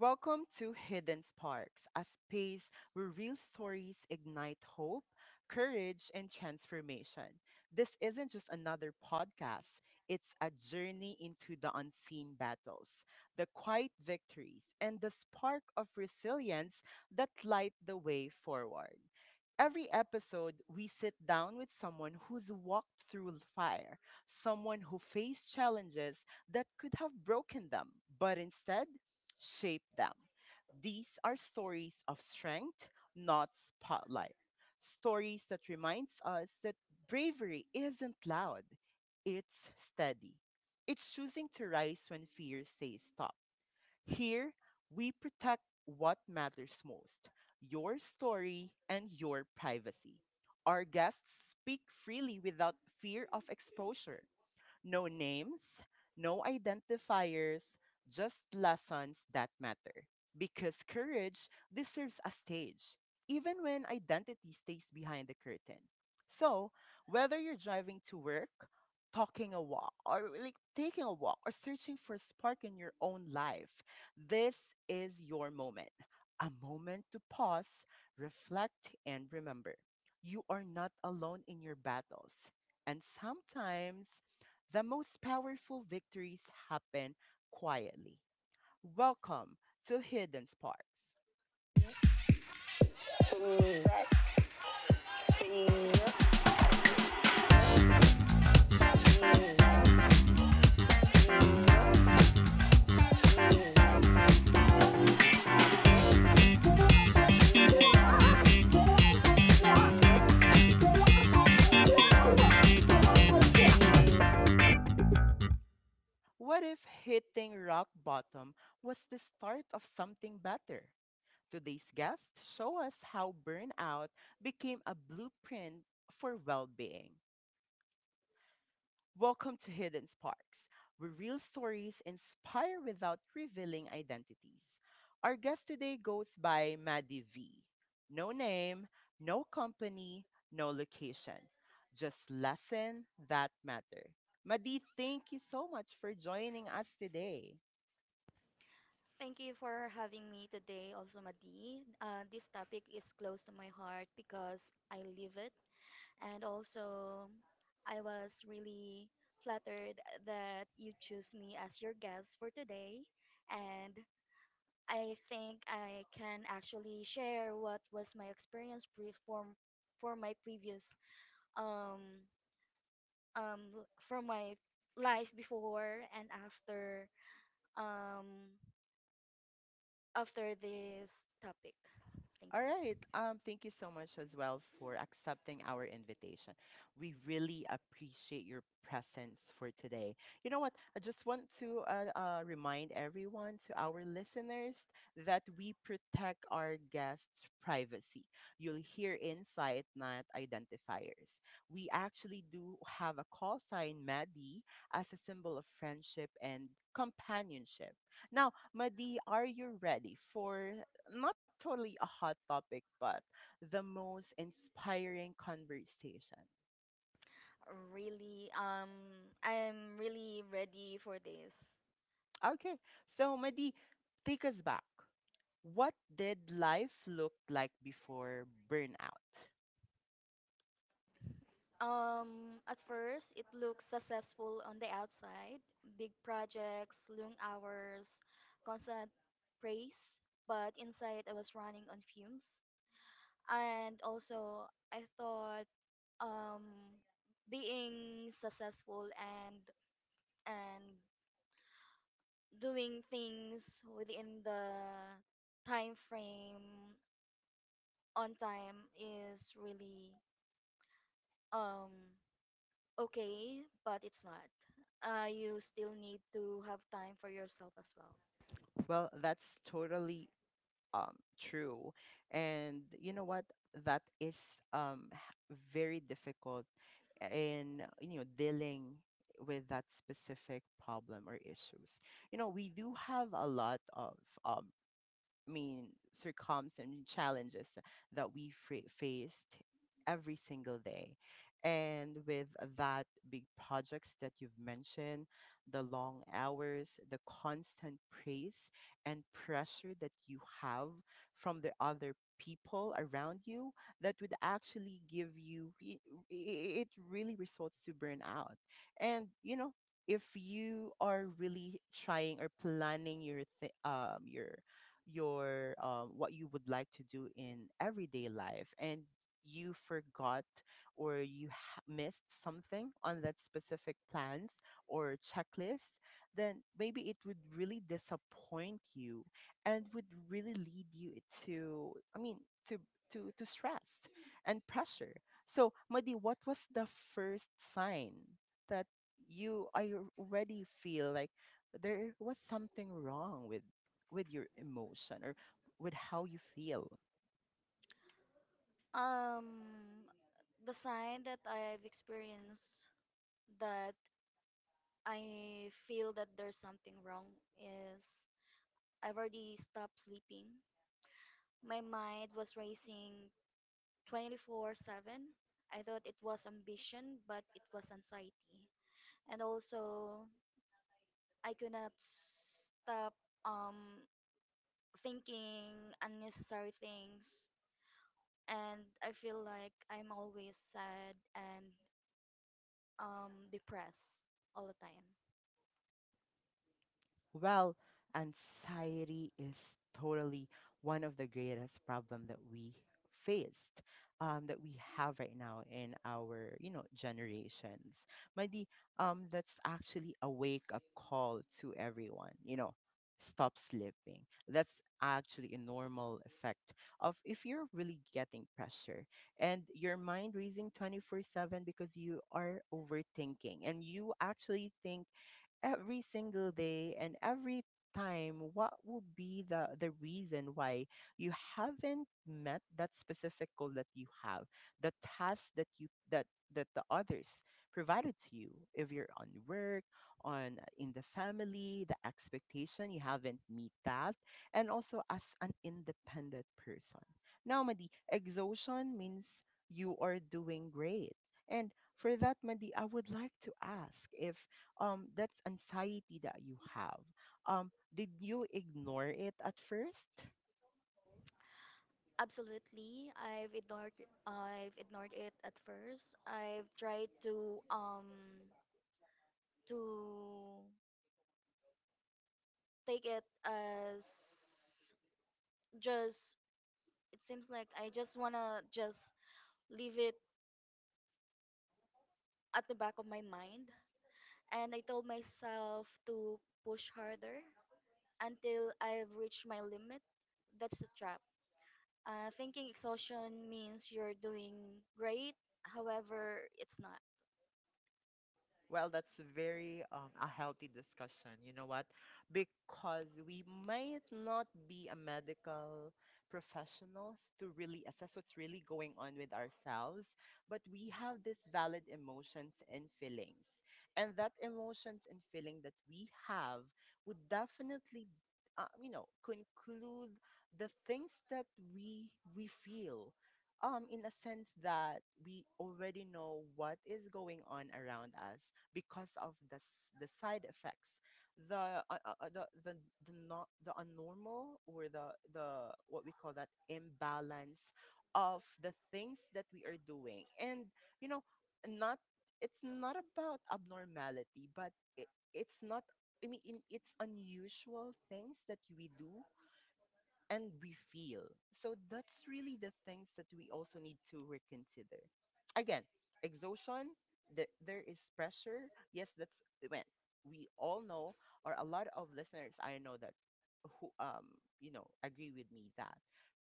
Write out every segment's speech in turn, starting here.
Welcome to Hidden Sparks, a space where real stories ignite hope, courage, and transformation. This isn't just another podcast, it's a journey into the unseen battles, the quiet victories, and the spark of resilience that light the way forward. Every episode, we sit down with someone who's walked through fire, someone who faced challenges that could have broken them, but instead, shape them. These are stories of strength, not spotlight. Stories that reminds us that bravery isn't loud, it's steady. It's choosing to rise when fear says stop. Here, we protect what matters most, your story and your privacy. Our guests speak freely without fear of exposure. No names, no identifiers, just lessons that matter. Because courage deserves a stage, even when identity stays behind the curtain. So, whether you're driving to work, talking a walk, or like taking a walk, or searching for a spark in your own life, this is your moment. A moment to pause, reflect, and remember you are not alone in your battles. And sometimes the most powerful victories happen quietly. Welcome to Hidden Sparks. What if hitting rock bottom was the start of something better? Today's guests show us how burnout became a blueprint for well being. Welcome to Hidden Sparks, where real stories inspire without revealing identities. Our guest today goes by Maddie V. No name, no company, no location, just lesson that matter. Maddie, thank you so much for joining us today. Thank you for having me today, also Madi. This topic is close to my heart because I live it, and also I was really flattered that you choose me as your guest for today. And I think I can actually share what was my experience pre- from for my previous um from my life before and after um after this topic. Thank All you. right. Thank you so much as well for accepting our invitation. We really appreciate your presence for today. You know what? I just want to remind everyone, to our listeners, that we protect our guests' privacy. You'll hear insight, not identifiers. We actually do have a call sign, Maddie, as a symbol of friendship and companionship. Now, Madi, are you ready for not totally a hot topic, but the most inspiring conversation. Really, I'm really ready for this. Okay, so Madi, take us back. What did life look like before burnout? At first, it looks successful on the outside. Big projects, long hours, constant praise. But inside, I was running on fumes. And also, I thought um, being successful and doing things within the time frame on time is really um okay, but it's not. You still need to have time for yourself as well. Well, that's totally true. And you know what? That is very difficult in you know dealing with that specific problem or issues. You know, we do have a lot of um, I mean, circums and challenges that faced every single day. And with that big projects that you've mentioned, the long hours, the constant praise and pressure that you have from the other people around you, that would actually give it really results to burnout. And, you know, if you are really trying or planning your th- your what you would like to do in everyday life and you forgot or missed something on that specific plans or checklist, then maybe it would really disappoint you and would really lead you to I mean to to stress and pressure. So Madi, what was the first sign that you I already feel like there was something wrong with your emotion or with how you feel? Um, the sign that I've experienced that I feel that there's something wrong is I've already stopped sleeping. My mind was racing 24/7. I thought it was ambition, but it was anxiety. And also, I could not stop um, thinking unnecessary things. And I feel like I'm always sad and depressed all the time. Well, anxiety is totally one of the greatest problem that we faced, that we have right now in our, you know, generations. Mindy, that's actually a wake-up call to everyone. You know, stop sleeping. That's actually a normal effect of if you're really getting pressure and your mind racing 24/7 because you are overthinking and you actually think every single day and every time what will be the reason why you haven't met that specific goal that you have, the task that you that that the others provided to you, if you're on work, on in the family, the expectation you haven't meet that, and also as an independent person. Now Madi, exhaustion means you are doing great. And for that Madi, I would like to ask, if that's anxiety that you have, um did you ignore it at first? Absolutely, I've ignored it at first. I've tried to to take it as just it seems like I just want to just leave it at the back of my mind. And I told myself to push harder until I've reached my limit. That's the trap. Thinking exhaustion means you're doing great. However, it's not. Well, that's very a healthy discussion. You know what? Because we might not be a medical professionals to really assess what's really going on with ourselves, but we have these valid emotions and feelings. And that emotions and feeling that we have would definitely, you know, conclude the things that we we feel, in a sense that we already know what is going on around us because of the side effects, the uh, uh, uh, the the the not the abnormal or the what we call that imbalance of the things that we are doing, and you know, not, it's not about abnormality, but it's not. I mean, it's unusual things that we do and we feel. So that's really the things that we also need to reconsider. Again, exhaustion, there is pressure. Yes, that's when we all know, or a lot of listeners I know that, who you know agree with me that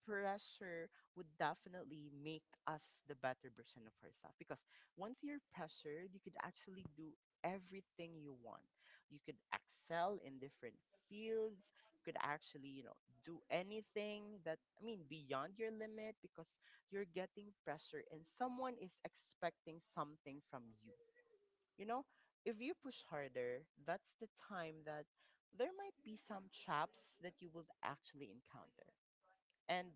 pressure would definitely make us the better version of ourselves, because once you're pressured you could actually do everything you want, you could excel in different fields, you could actually you know do anything that I mean beyond your limit, because you're getting pressure and someone is expecting something from you. You know, if you push harder, that's the time that there might be some traps that you will actually encounter, and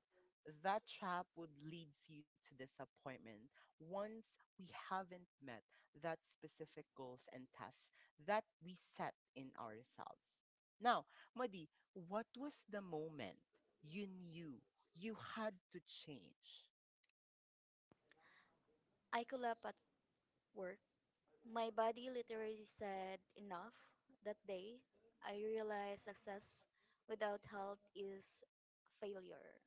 that trap would lead you to disappointment. Once we haven't met that specific goals and tasks that we set in ourselves. Now, Madi, what was the moment you knew you had to change? I collapsed at work. My body literally said enough that day. I realized success without health is failure.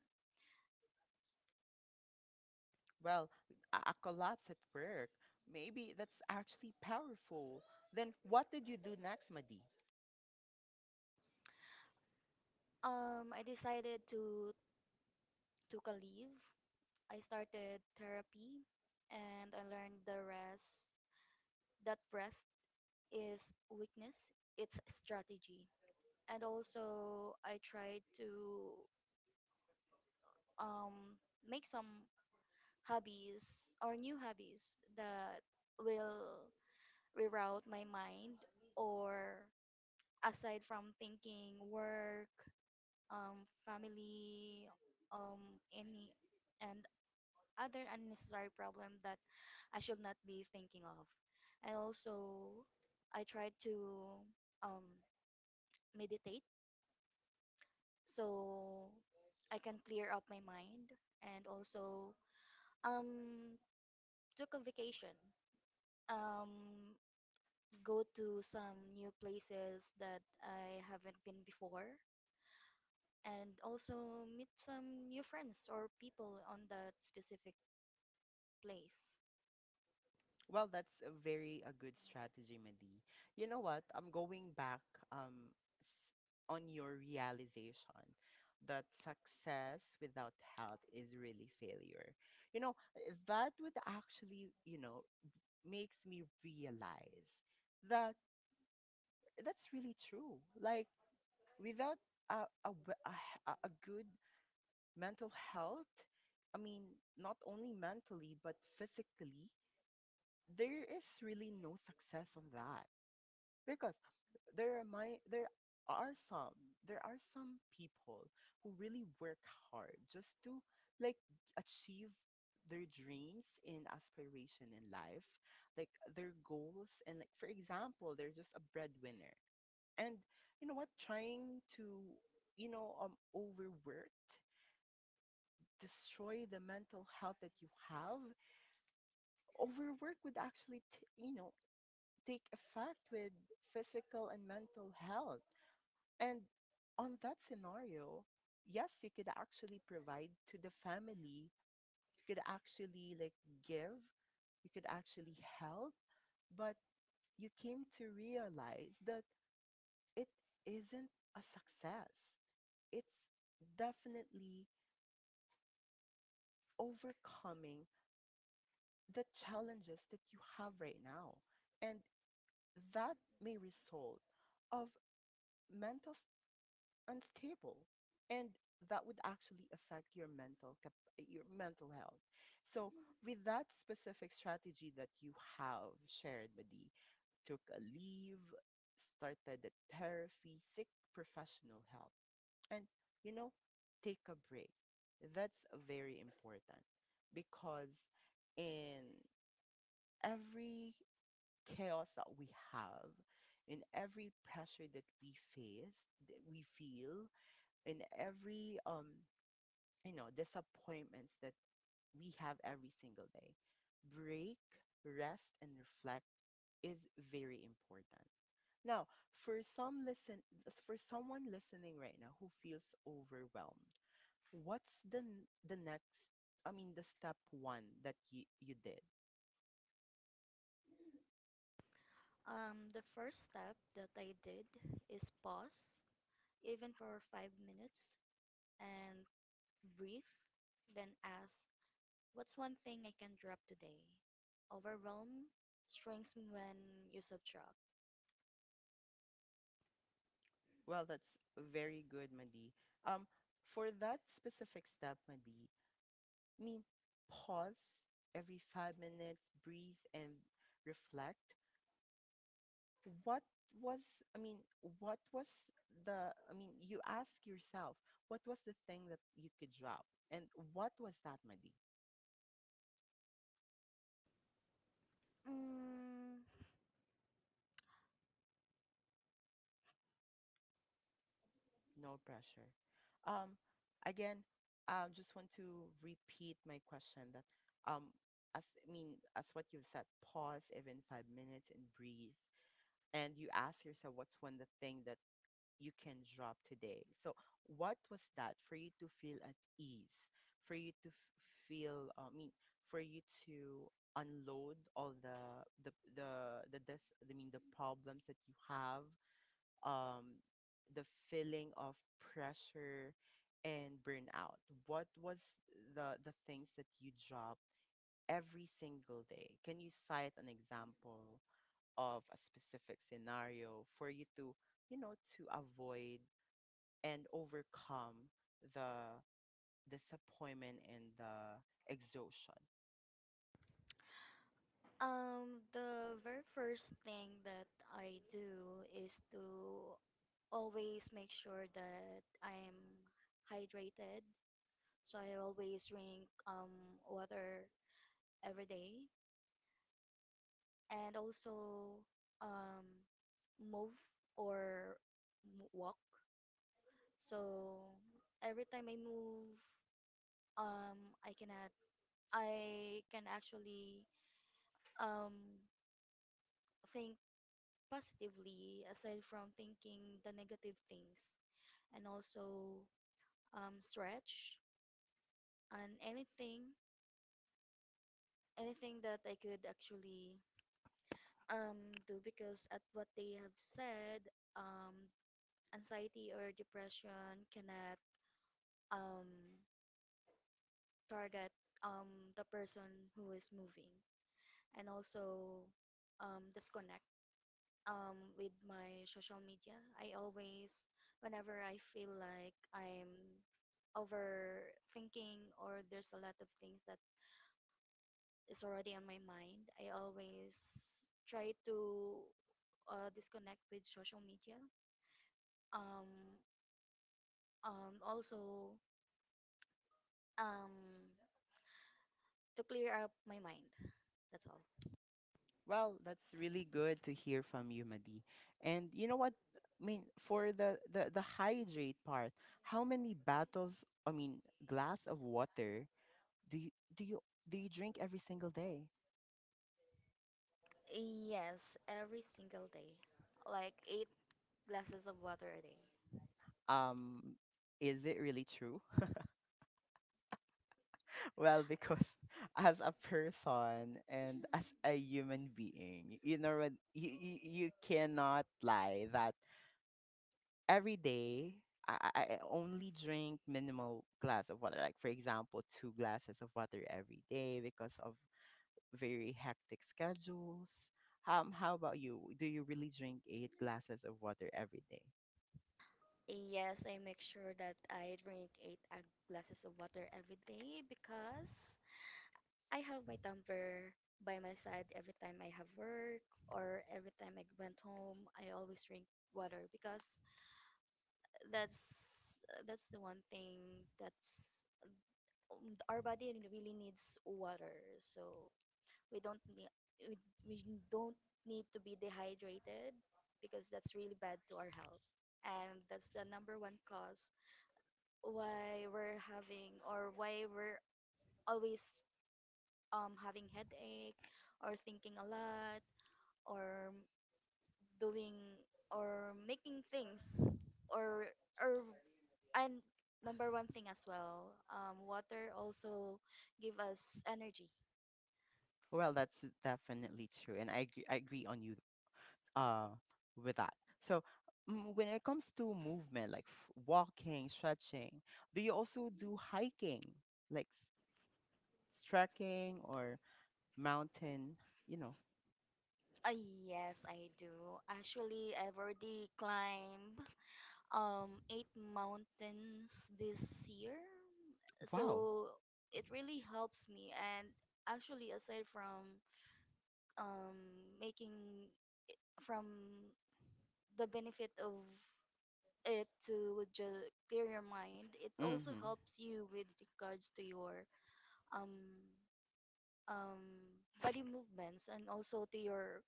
Well, a collapse at work. Maybe that's actually powerful. Then what did you do next, Madi? I decided to took a leave. I started therapy and I learned the rest that rest is weakness, it's strategy. And also I tried to um make some hobbies or new hobbies that will reroute my mind, or aside from thinking work, family, any and other unnecessary problem that I should not be thinking of. And also, I try to um, meditate so I can clear up my mind, and also um, took a vacation. Um, go to some new places that I haven't been before, and also meet some new friends or people on that specific place. Well, that's a very a good strategy, Madi. You know what? I'm going back on your realization that success without health is really failure. You know, that would actually, you know, makes me realize that that's really true. Like without a a, we- a, h- a good mental health, I mean, not only mentally but physically, there is really no success on that, because there are my there are some there are some people who really work hard just to like achieve their dreams and aspiration in life, like their goals, and like for example they're just a breadwinner, and you know what, trying to you know overworked destroy the mental health that you have. Overwork would actually you know take effect with physical and mental health. And on that scenario, yes, you could actually provide to the family, you could actually like give, you could actually help, but you came to realize that it isn't a success. It's definitely overcoming the challenges that you have right now. And that may result of mental unstable, and that would actually affect your your mental health. So with that specific strategy that you have shared with, took a leave, started a therapy, seek professional help, and you know, take a break, that's very important, because in every chaos that we have, in every pressure that we face, that we feel, in every you know disappointments that we have every single day, break, rest and reflect is very important. Now, for some listen for someone listening right now who feels overwhelmed, what's the next, I mean the step one that you did? The first step that I did is pause, even for 5 minutes, and breathe, then ask, what's one thing I can drop today? Overwhelm shrinks when you subtract. Well, that's very good Madi, um, for that specific step Madi, mean, pause every 5 minutes, breathe and reflect. What was, I mean, what was I mean, you ask yourself, what was the thing that you could drop? And what was that, Madi? Mm. No pressure. Um, again, I just want to repeat my question that, um, as, I mean, as what you've said, pause even 5 minutes and breathe. And you ask yourself, what's one the thing that you can drop today. So, what was that for you to feel at ease, for you to feel, I mean, for you to unload all the this I mean the problems that you have, um, the feeling of pressure and burnout. What was the things that you dropped every single day? Can you cite an example of a specific scenario for you to you know, to avoid and overcome the disappointment and the exhaustion. Um, the very first thing that I do is to always make sure that I'm hydrated. So I always drink water every day, and also um move or walk. So every time I move, I cannot, I can actually um think positively aside from thinking the negative things, and also stretch and anything, anything that I could actually do because at what they have said, um, anxiety or depression cannot um target the person who is moving, and also disconnect with my social media. I always, whenever I feel like I'm overthinking or there's a lot of things that is already on my mind, I always try to disconnect with social media. Um, Also, um, to clear up my mind. That's all. Well, that's really good to hear from you, Madi. And you know what? I mean, for the hydrate part, how many bottles, I mean, glass of water do do you do you drink every single day? Yes, every single day, like eight glasses of water a day. Um, is it really true? Well, because as a person and as a human being, you cannot lie that every day, I only drink minimal glass of water, like for example two glasses of water every day because of very hectic schedules. How about you, do you really drink eight glasses of water every day? Yes, I make sure that I drink eight glasses of water every day because I have my tumbler by my side every time I have work or every time I went home. I always drink water because that's that's the one thing that's our body really really needs water. So we don't need we don't need to be dehydrated because that's really bad to our health, and that's the number one cause why we're having or why we're always having headache or thinking a lot or doing or making things or or and number one thing as well, water also give us energy. Well, that's definitely true, and I agree on you, uh with that. So, when it comes to movement, like walking, stretching, do you also do hiking, like trekking or mountain you know Uh, yes, I do actually. I've already climbed eight mountains this year. wow. So it really helps me, and actually aside from making from the benefit of it to just clear your mind, it also Mm-hmm. helps you with regards to your um um body movements, and also to your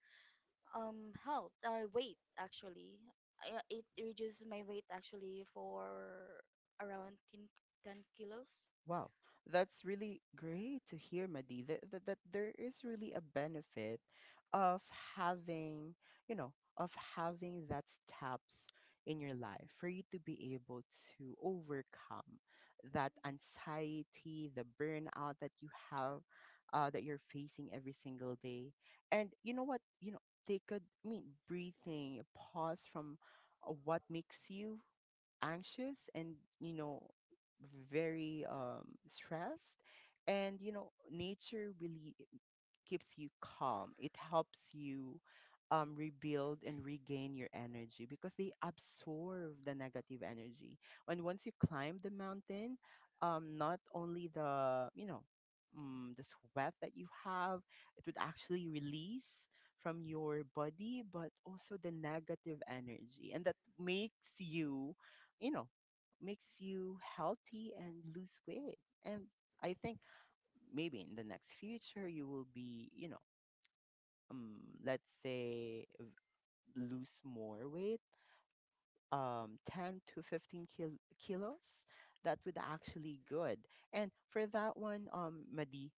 help or weight. Actually, it reduces my weight actually for around ten kilos. Wow, that's really great to hear, Madi. That there is really a benefit of having, of having that steps in your life for you to be able to overcome that anxiety, the burnout that you have, that you're facing every single day. And you know what? Take a, I mean, breathing, a pause from what makes you anxious and you know very stressed, and nature really keeps you calm. It helps you rebuild and regain your energy because they absorb the negative energy. And once you climb the mountain, not only the sweat that you have, it would actually release from your body, but also the negative energy, and that makes you, you know, makes you healthy and lose weight. And I think maybe in the next future you will be, um let's say, lose more weight, 10 to 15 kilos. That would actually good. And for that one, Madi,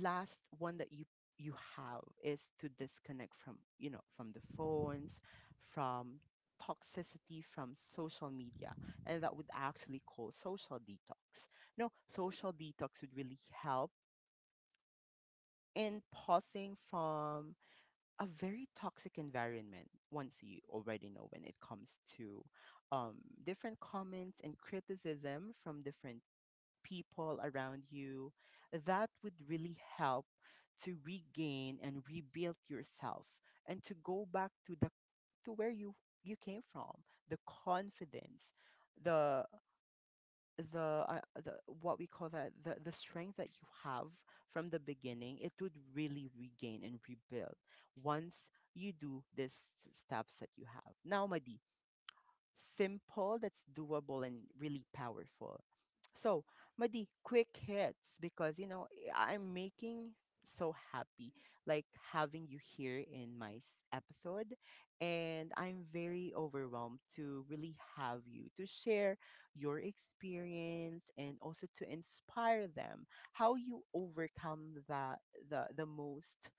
last one that you have is to disconnect from, from the phones, from toxicity, from social media, and that would actually call social detox. No, social detox would really help in pausing from a very toxic environment once you already know. When it comes to um, different comments and criticism from different people around you, that would really help to regain and rebuild yourself, and to go back to the... to where you came from: the confidence, the the what we call that, the strength that you have from the beginning. It would really regain and rebuild once you do these steps that you have now, Madi. Simple, that's doable and really powerful. So, Madi, quick hits, because you know, I'm making so happy, like having you here in my episode, and I'm very overwhelmed to really have you to share your experience and also to inspire them how you overcome the most,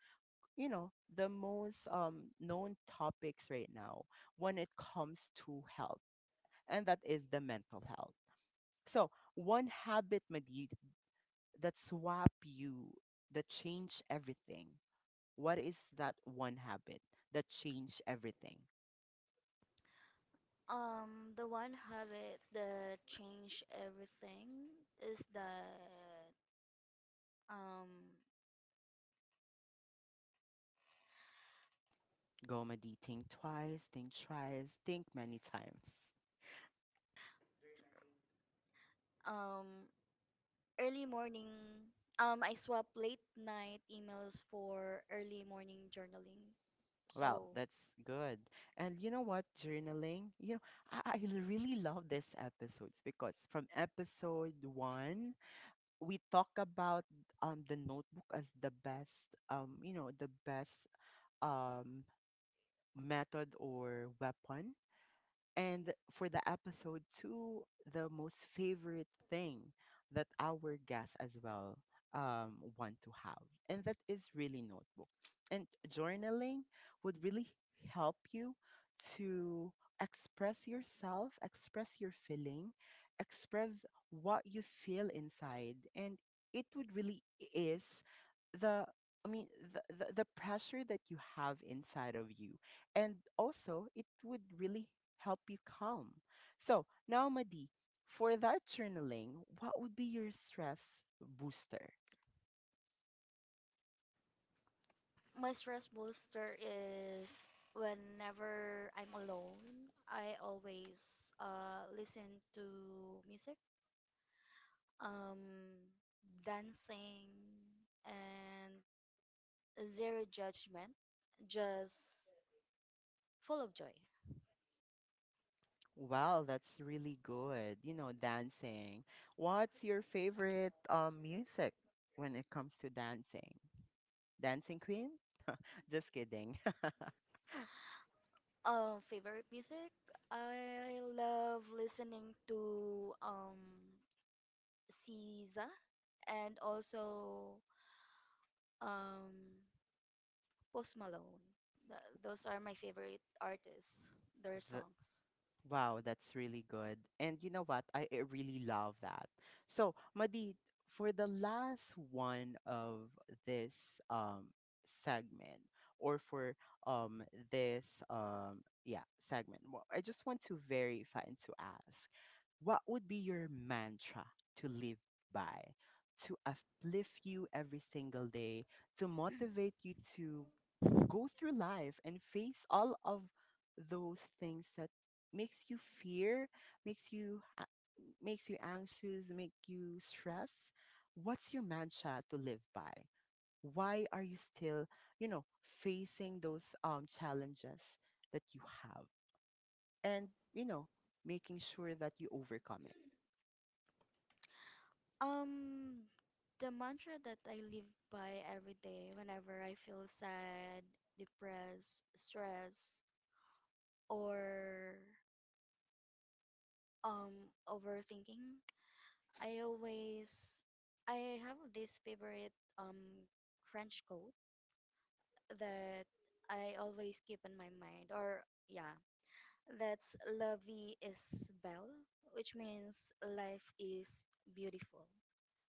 the most known topics right now when it comes to health, and that is the mental health. So, one habit, Madid, that swap you, that change everything. What is that one habit that change everything? The one habit that changed everything is that um Go, Madid, think twice, think thrice, think many times. um early morning, I swap late night emails for early morning journaling. Well, So that's good. And you know what? Journaling, I really love this episodes because from episode one, we talk about the notebook as the best, the best um method or weapon. And for the episode two, the most favorite thing that our guests as well want to have, and that is really notebook. And journaling would really help you to express yourself, express your feeling, express what you feel inside, and it would really is the, I mean, the pressure that you have inside of you, and also it would really help you calm. So now, Madi, for that journaling, what would be your stress booster? my stress booster is whenever I'm alone, I always listen to music, um dancing and zero judgment, just full of joy. Wow, that's really good. You know, dancing. What's your favorite music when it comes to dancing? Dancing Queen? Just kidding. Favorite music? I love listening to SZA, and also um Post Malone. Those are my favorite artists, their songs. Wow, that's really good. And you know what? I really love that. So, Madi, for the last one of this um segment, or for um this yeah, segment, I just want to verify and to ask, what would be your mantra to live by? To uplift you every single day, to motivate you to go through life and face all of those things that makes you fear, makes you makes you anxious, make you stress. What's your mantra to live by? Why are you still, you know, facing those challenges that you have, and making sure that you overcome it? Um, the mantra that I live by every day whenever I feel sad, depressed, stressed, or overthinking, I always I have this favorite French quote that I always keep in my mind, or yeah, that's La Vie is Belle, which means life is beautiful.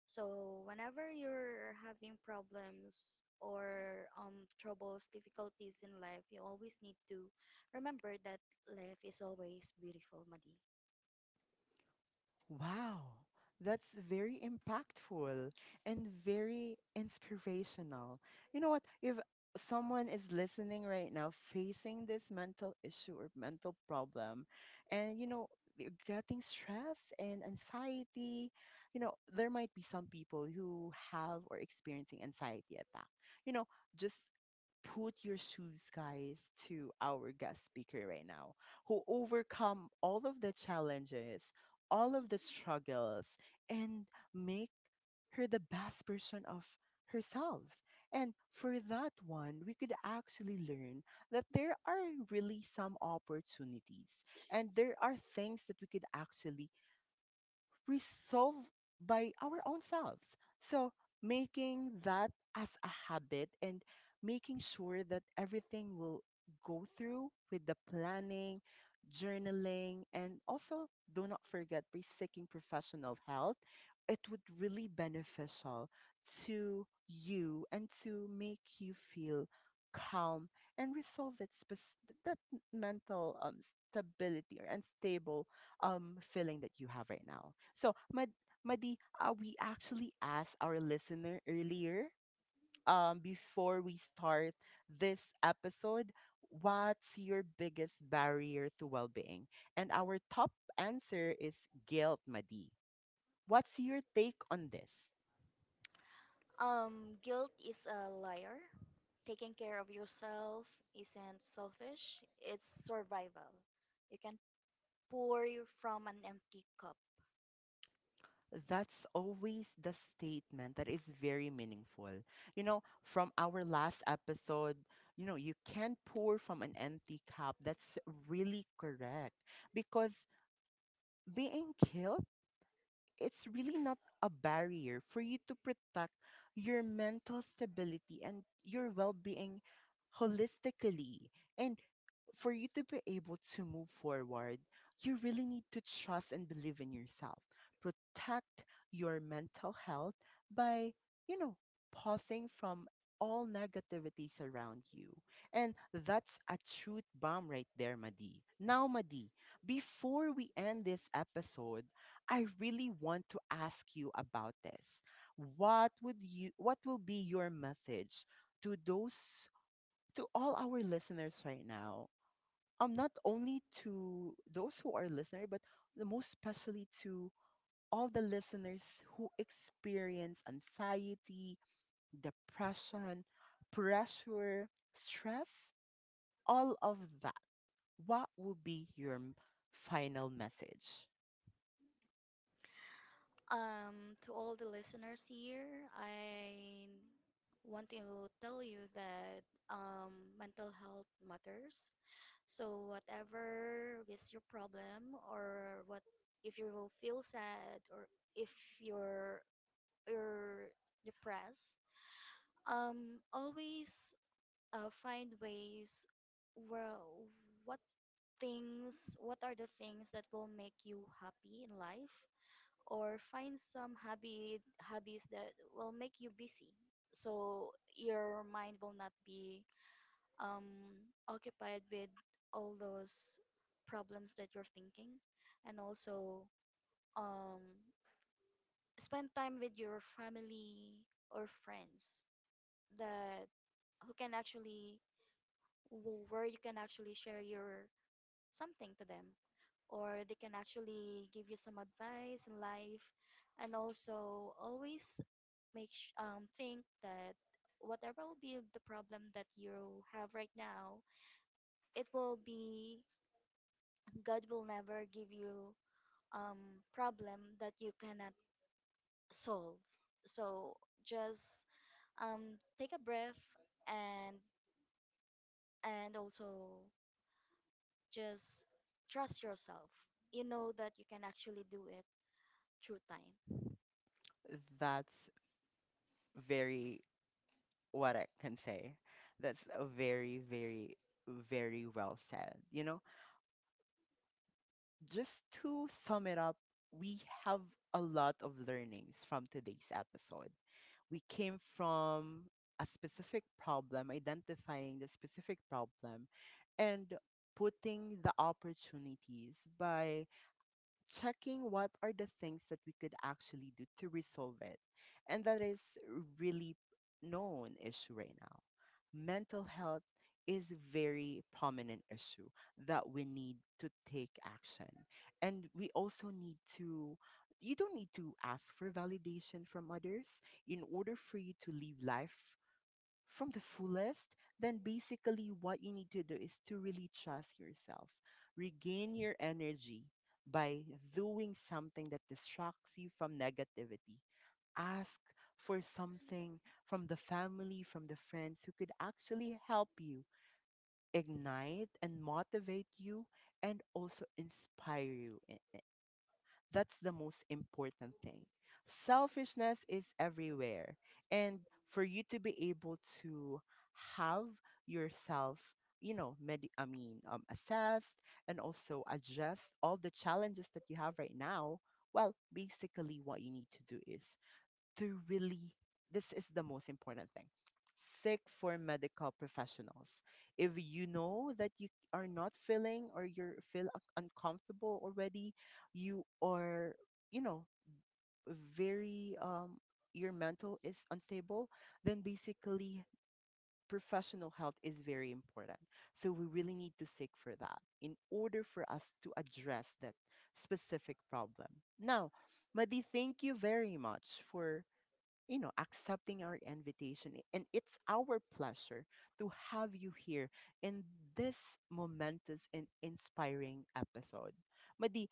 So whenever you're having problems or troubles, difficulties in life, you always need to remember that life is always beautiful, Madi. Wow, that's very impactful and very inspirational. You know what? If someone is listening right now facing this mental issue or mental problem, and they're getting stress and anxiety, there might be some people who have or experiencing anxiety attack. You know, just put your shoes, guys, to our guest speaker right now, who overcome all of the challenges, all of the struggles, and make her the best version of herself. And for that one, we could actually learn that there are really some opportunities, and there are things that we could actually resolve by our own selves. So making that as a habit, and making sure that everything will go through with the planning, journaling, and also do not forget by seeking professional help, it would really beneficial to you and to make you feel calm, and resolve that that mental stability or unstable feeling that you have right now. So, Madi, we actually asked our listener earlier, before we start this episode, what's your biggest barrier to well-being? And our top answer is guilt, Madi. What's your take on this? Guilt is a liar. Taking care of yourself isn't selfish, it's survival. You can pour from an empty cup. That's always the statement that is very meaningful. You know, from our last episode, you can't pour from an empty cup. That's really correct. Because being killed, it's really not a barrier for you to protect your mental stability and your well being holistically. And for you to be able to move forward, you really need to trust and believe in yourself. Protect your mental health by, you know, pausing from all negativities around you. And that's a truth bomb right there, Madi. Now, Madi, before we end this episode, I really want to ask you about this. What will be your message to those, to all our listeners right now, not only to those who are listener, but the most especially to all the listeners who experience anxiety, depression, pressure, stress, all of that, what would be your final message? To all the listeners here, I want to tell you that mental health matters. So whatever is your problem, or what if you feel sad, or if you're you're depressed, always find ways. Well, what things? What are the things that will make you happy in life? Or find some hobby hobbies that will make you busy, so your mind will not be occupied with all those problems that you're thinking. And also um, spend time with your family or friends that who can actually where you can actually share your something to them, or they can actually give you some advice in life. And also always think that whatever will be the problem that you have right now, it will be God will never give you problem that you cannot solve. So just take a breath, and and also just trust yourself. You know that you can actually do it through time. That's very, what I can say. That's a very, very, very well said. Just to sum it up, we have a lot of learnings from today's episode. We came from a specific problem, identifying the specific problem, and putting the opportunities by checking what are the things that we could actually do to resolve it. And that is really known issue right now. Mental health is a very prominent issue that we need to take action. And we also need to you don't need to ask for validation from others in order for you to live life from the fullest, then basically what you need to do is to really trust yourself. Regain your energy by doing something that distracts you from negativity. Ask for something from the family, from the friends who could actually help you ignite and motivate you, and also inspire you, that's the most important thing. Selfishness is everywhere. And for you to be able to have yourself, I mean, assessed and also adjust all the challenges that you have right now, well, basically what you need to do is to really, this is the most important thing, seek for medical professionals if you know that you are not feeling, or you feel uncomfortable already, you are you know very your mental is unstable, then basically professional health is very important. So we really need to seek for that in order for us to address that specific problem. Now, Madi, thank you very much for, accepting our invitation. And it's our pleasure to have you here in this momentous and inspiring episode. Madi,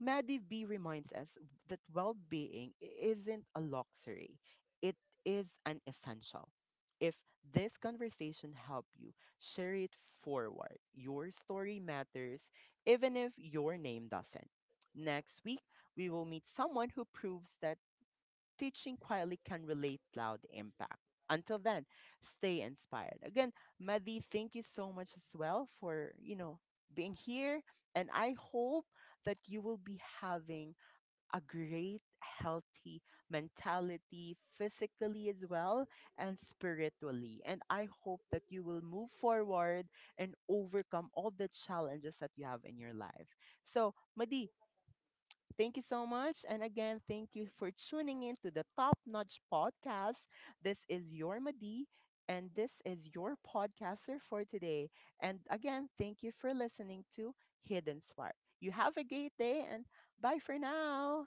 Madi B reminds us that well being isn't a luxury, it is an essential. If this conversation helped you, share it forward. Your story matters, even if your name doesn't. Next week, we will meet someone who proves that teaching quietly can relate loud impact. Until then, stay inspired. Again, Madhi, thank you so much as well for, being here. And I hope that you will be having a great, healthy mentality, physically as well, and spiritually. And I hope that you will move forward and overcome all the challenges that you have in your life. So, Madi, thank you so much. And again, thank you for tuning in to the Top Notch Podcast. This is your Madi, and this is your podcaster for today. And again, thank you for listening to Hidden Spark. You have a great day, and bye for now.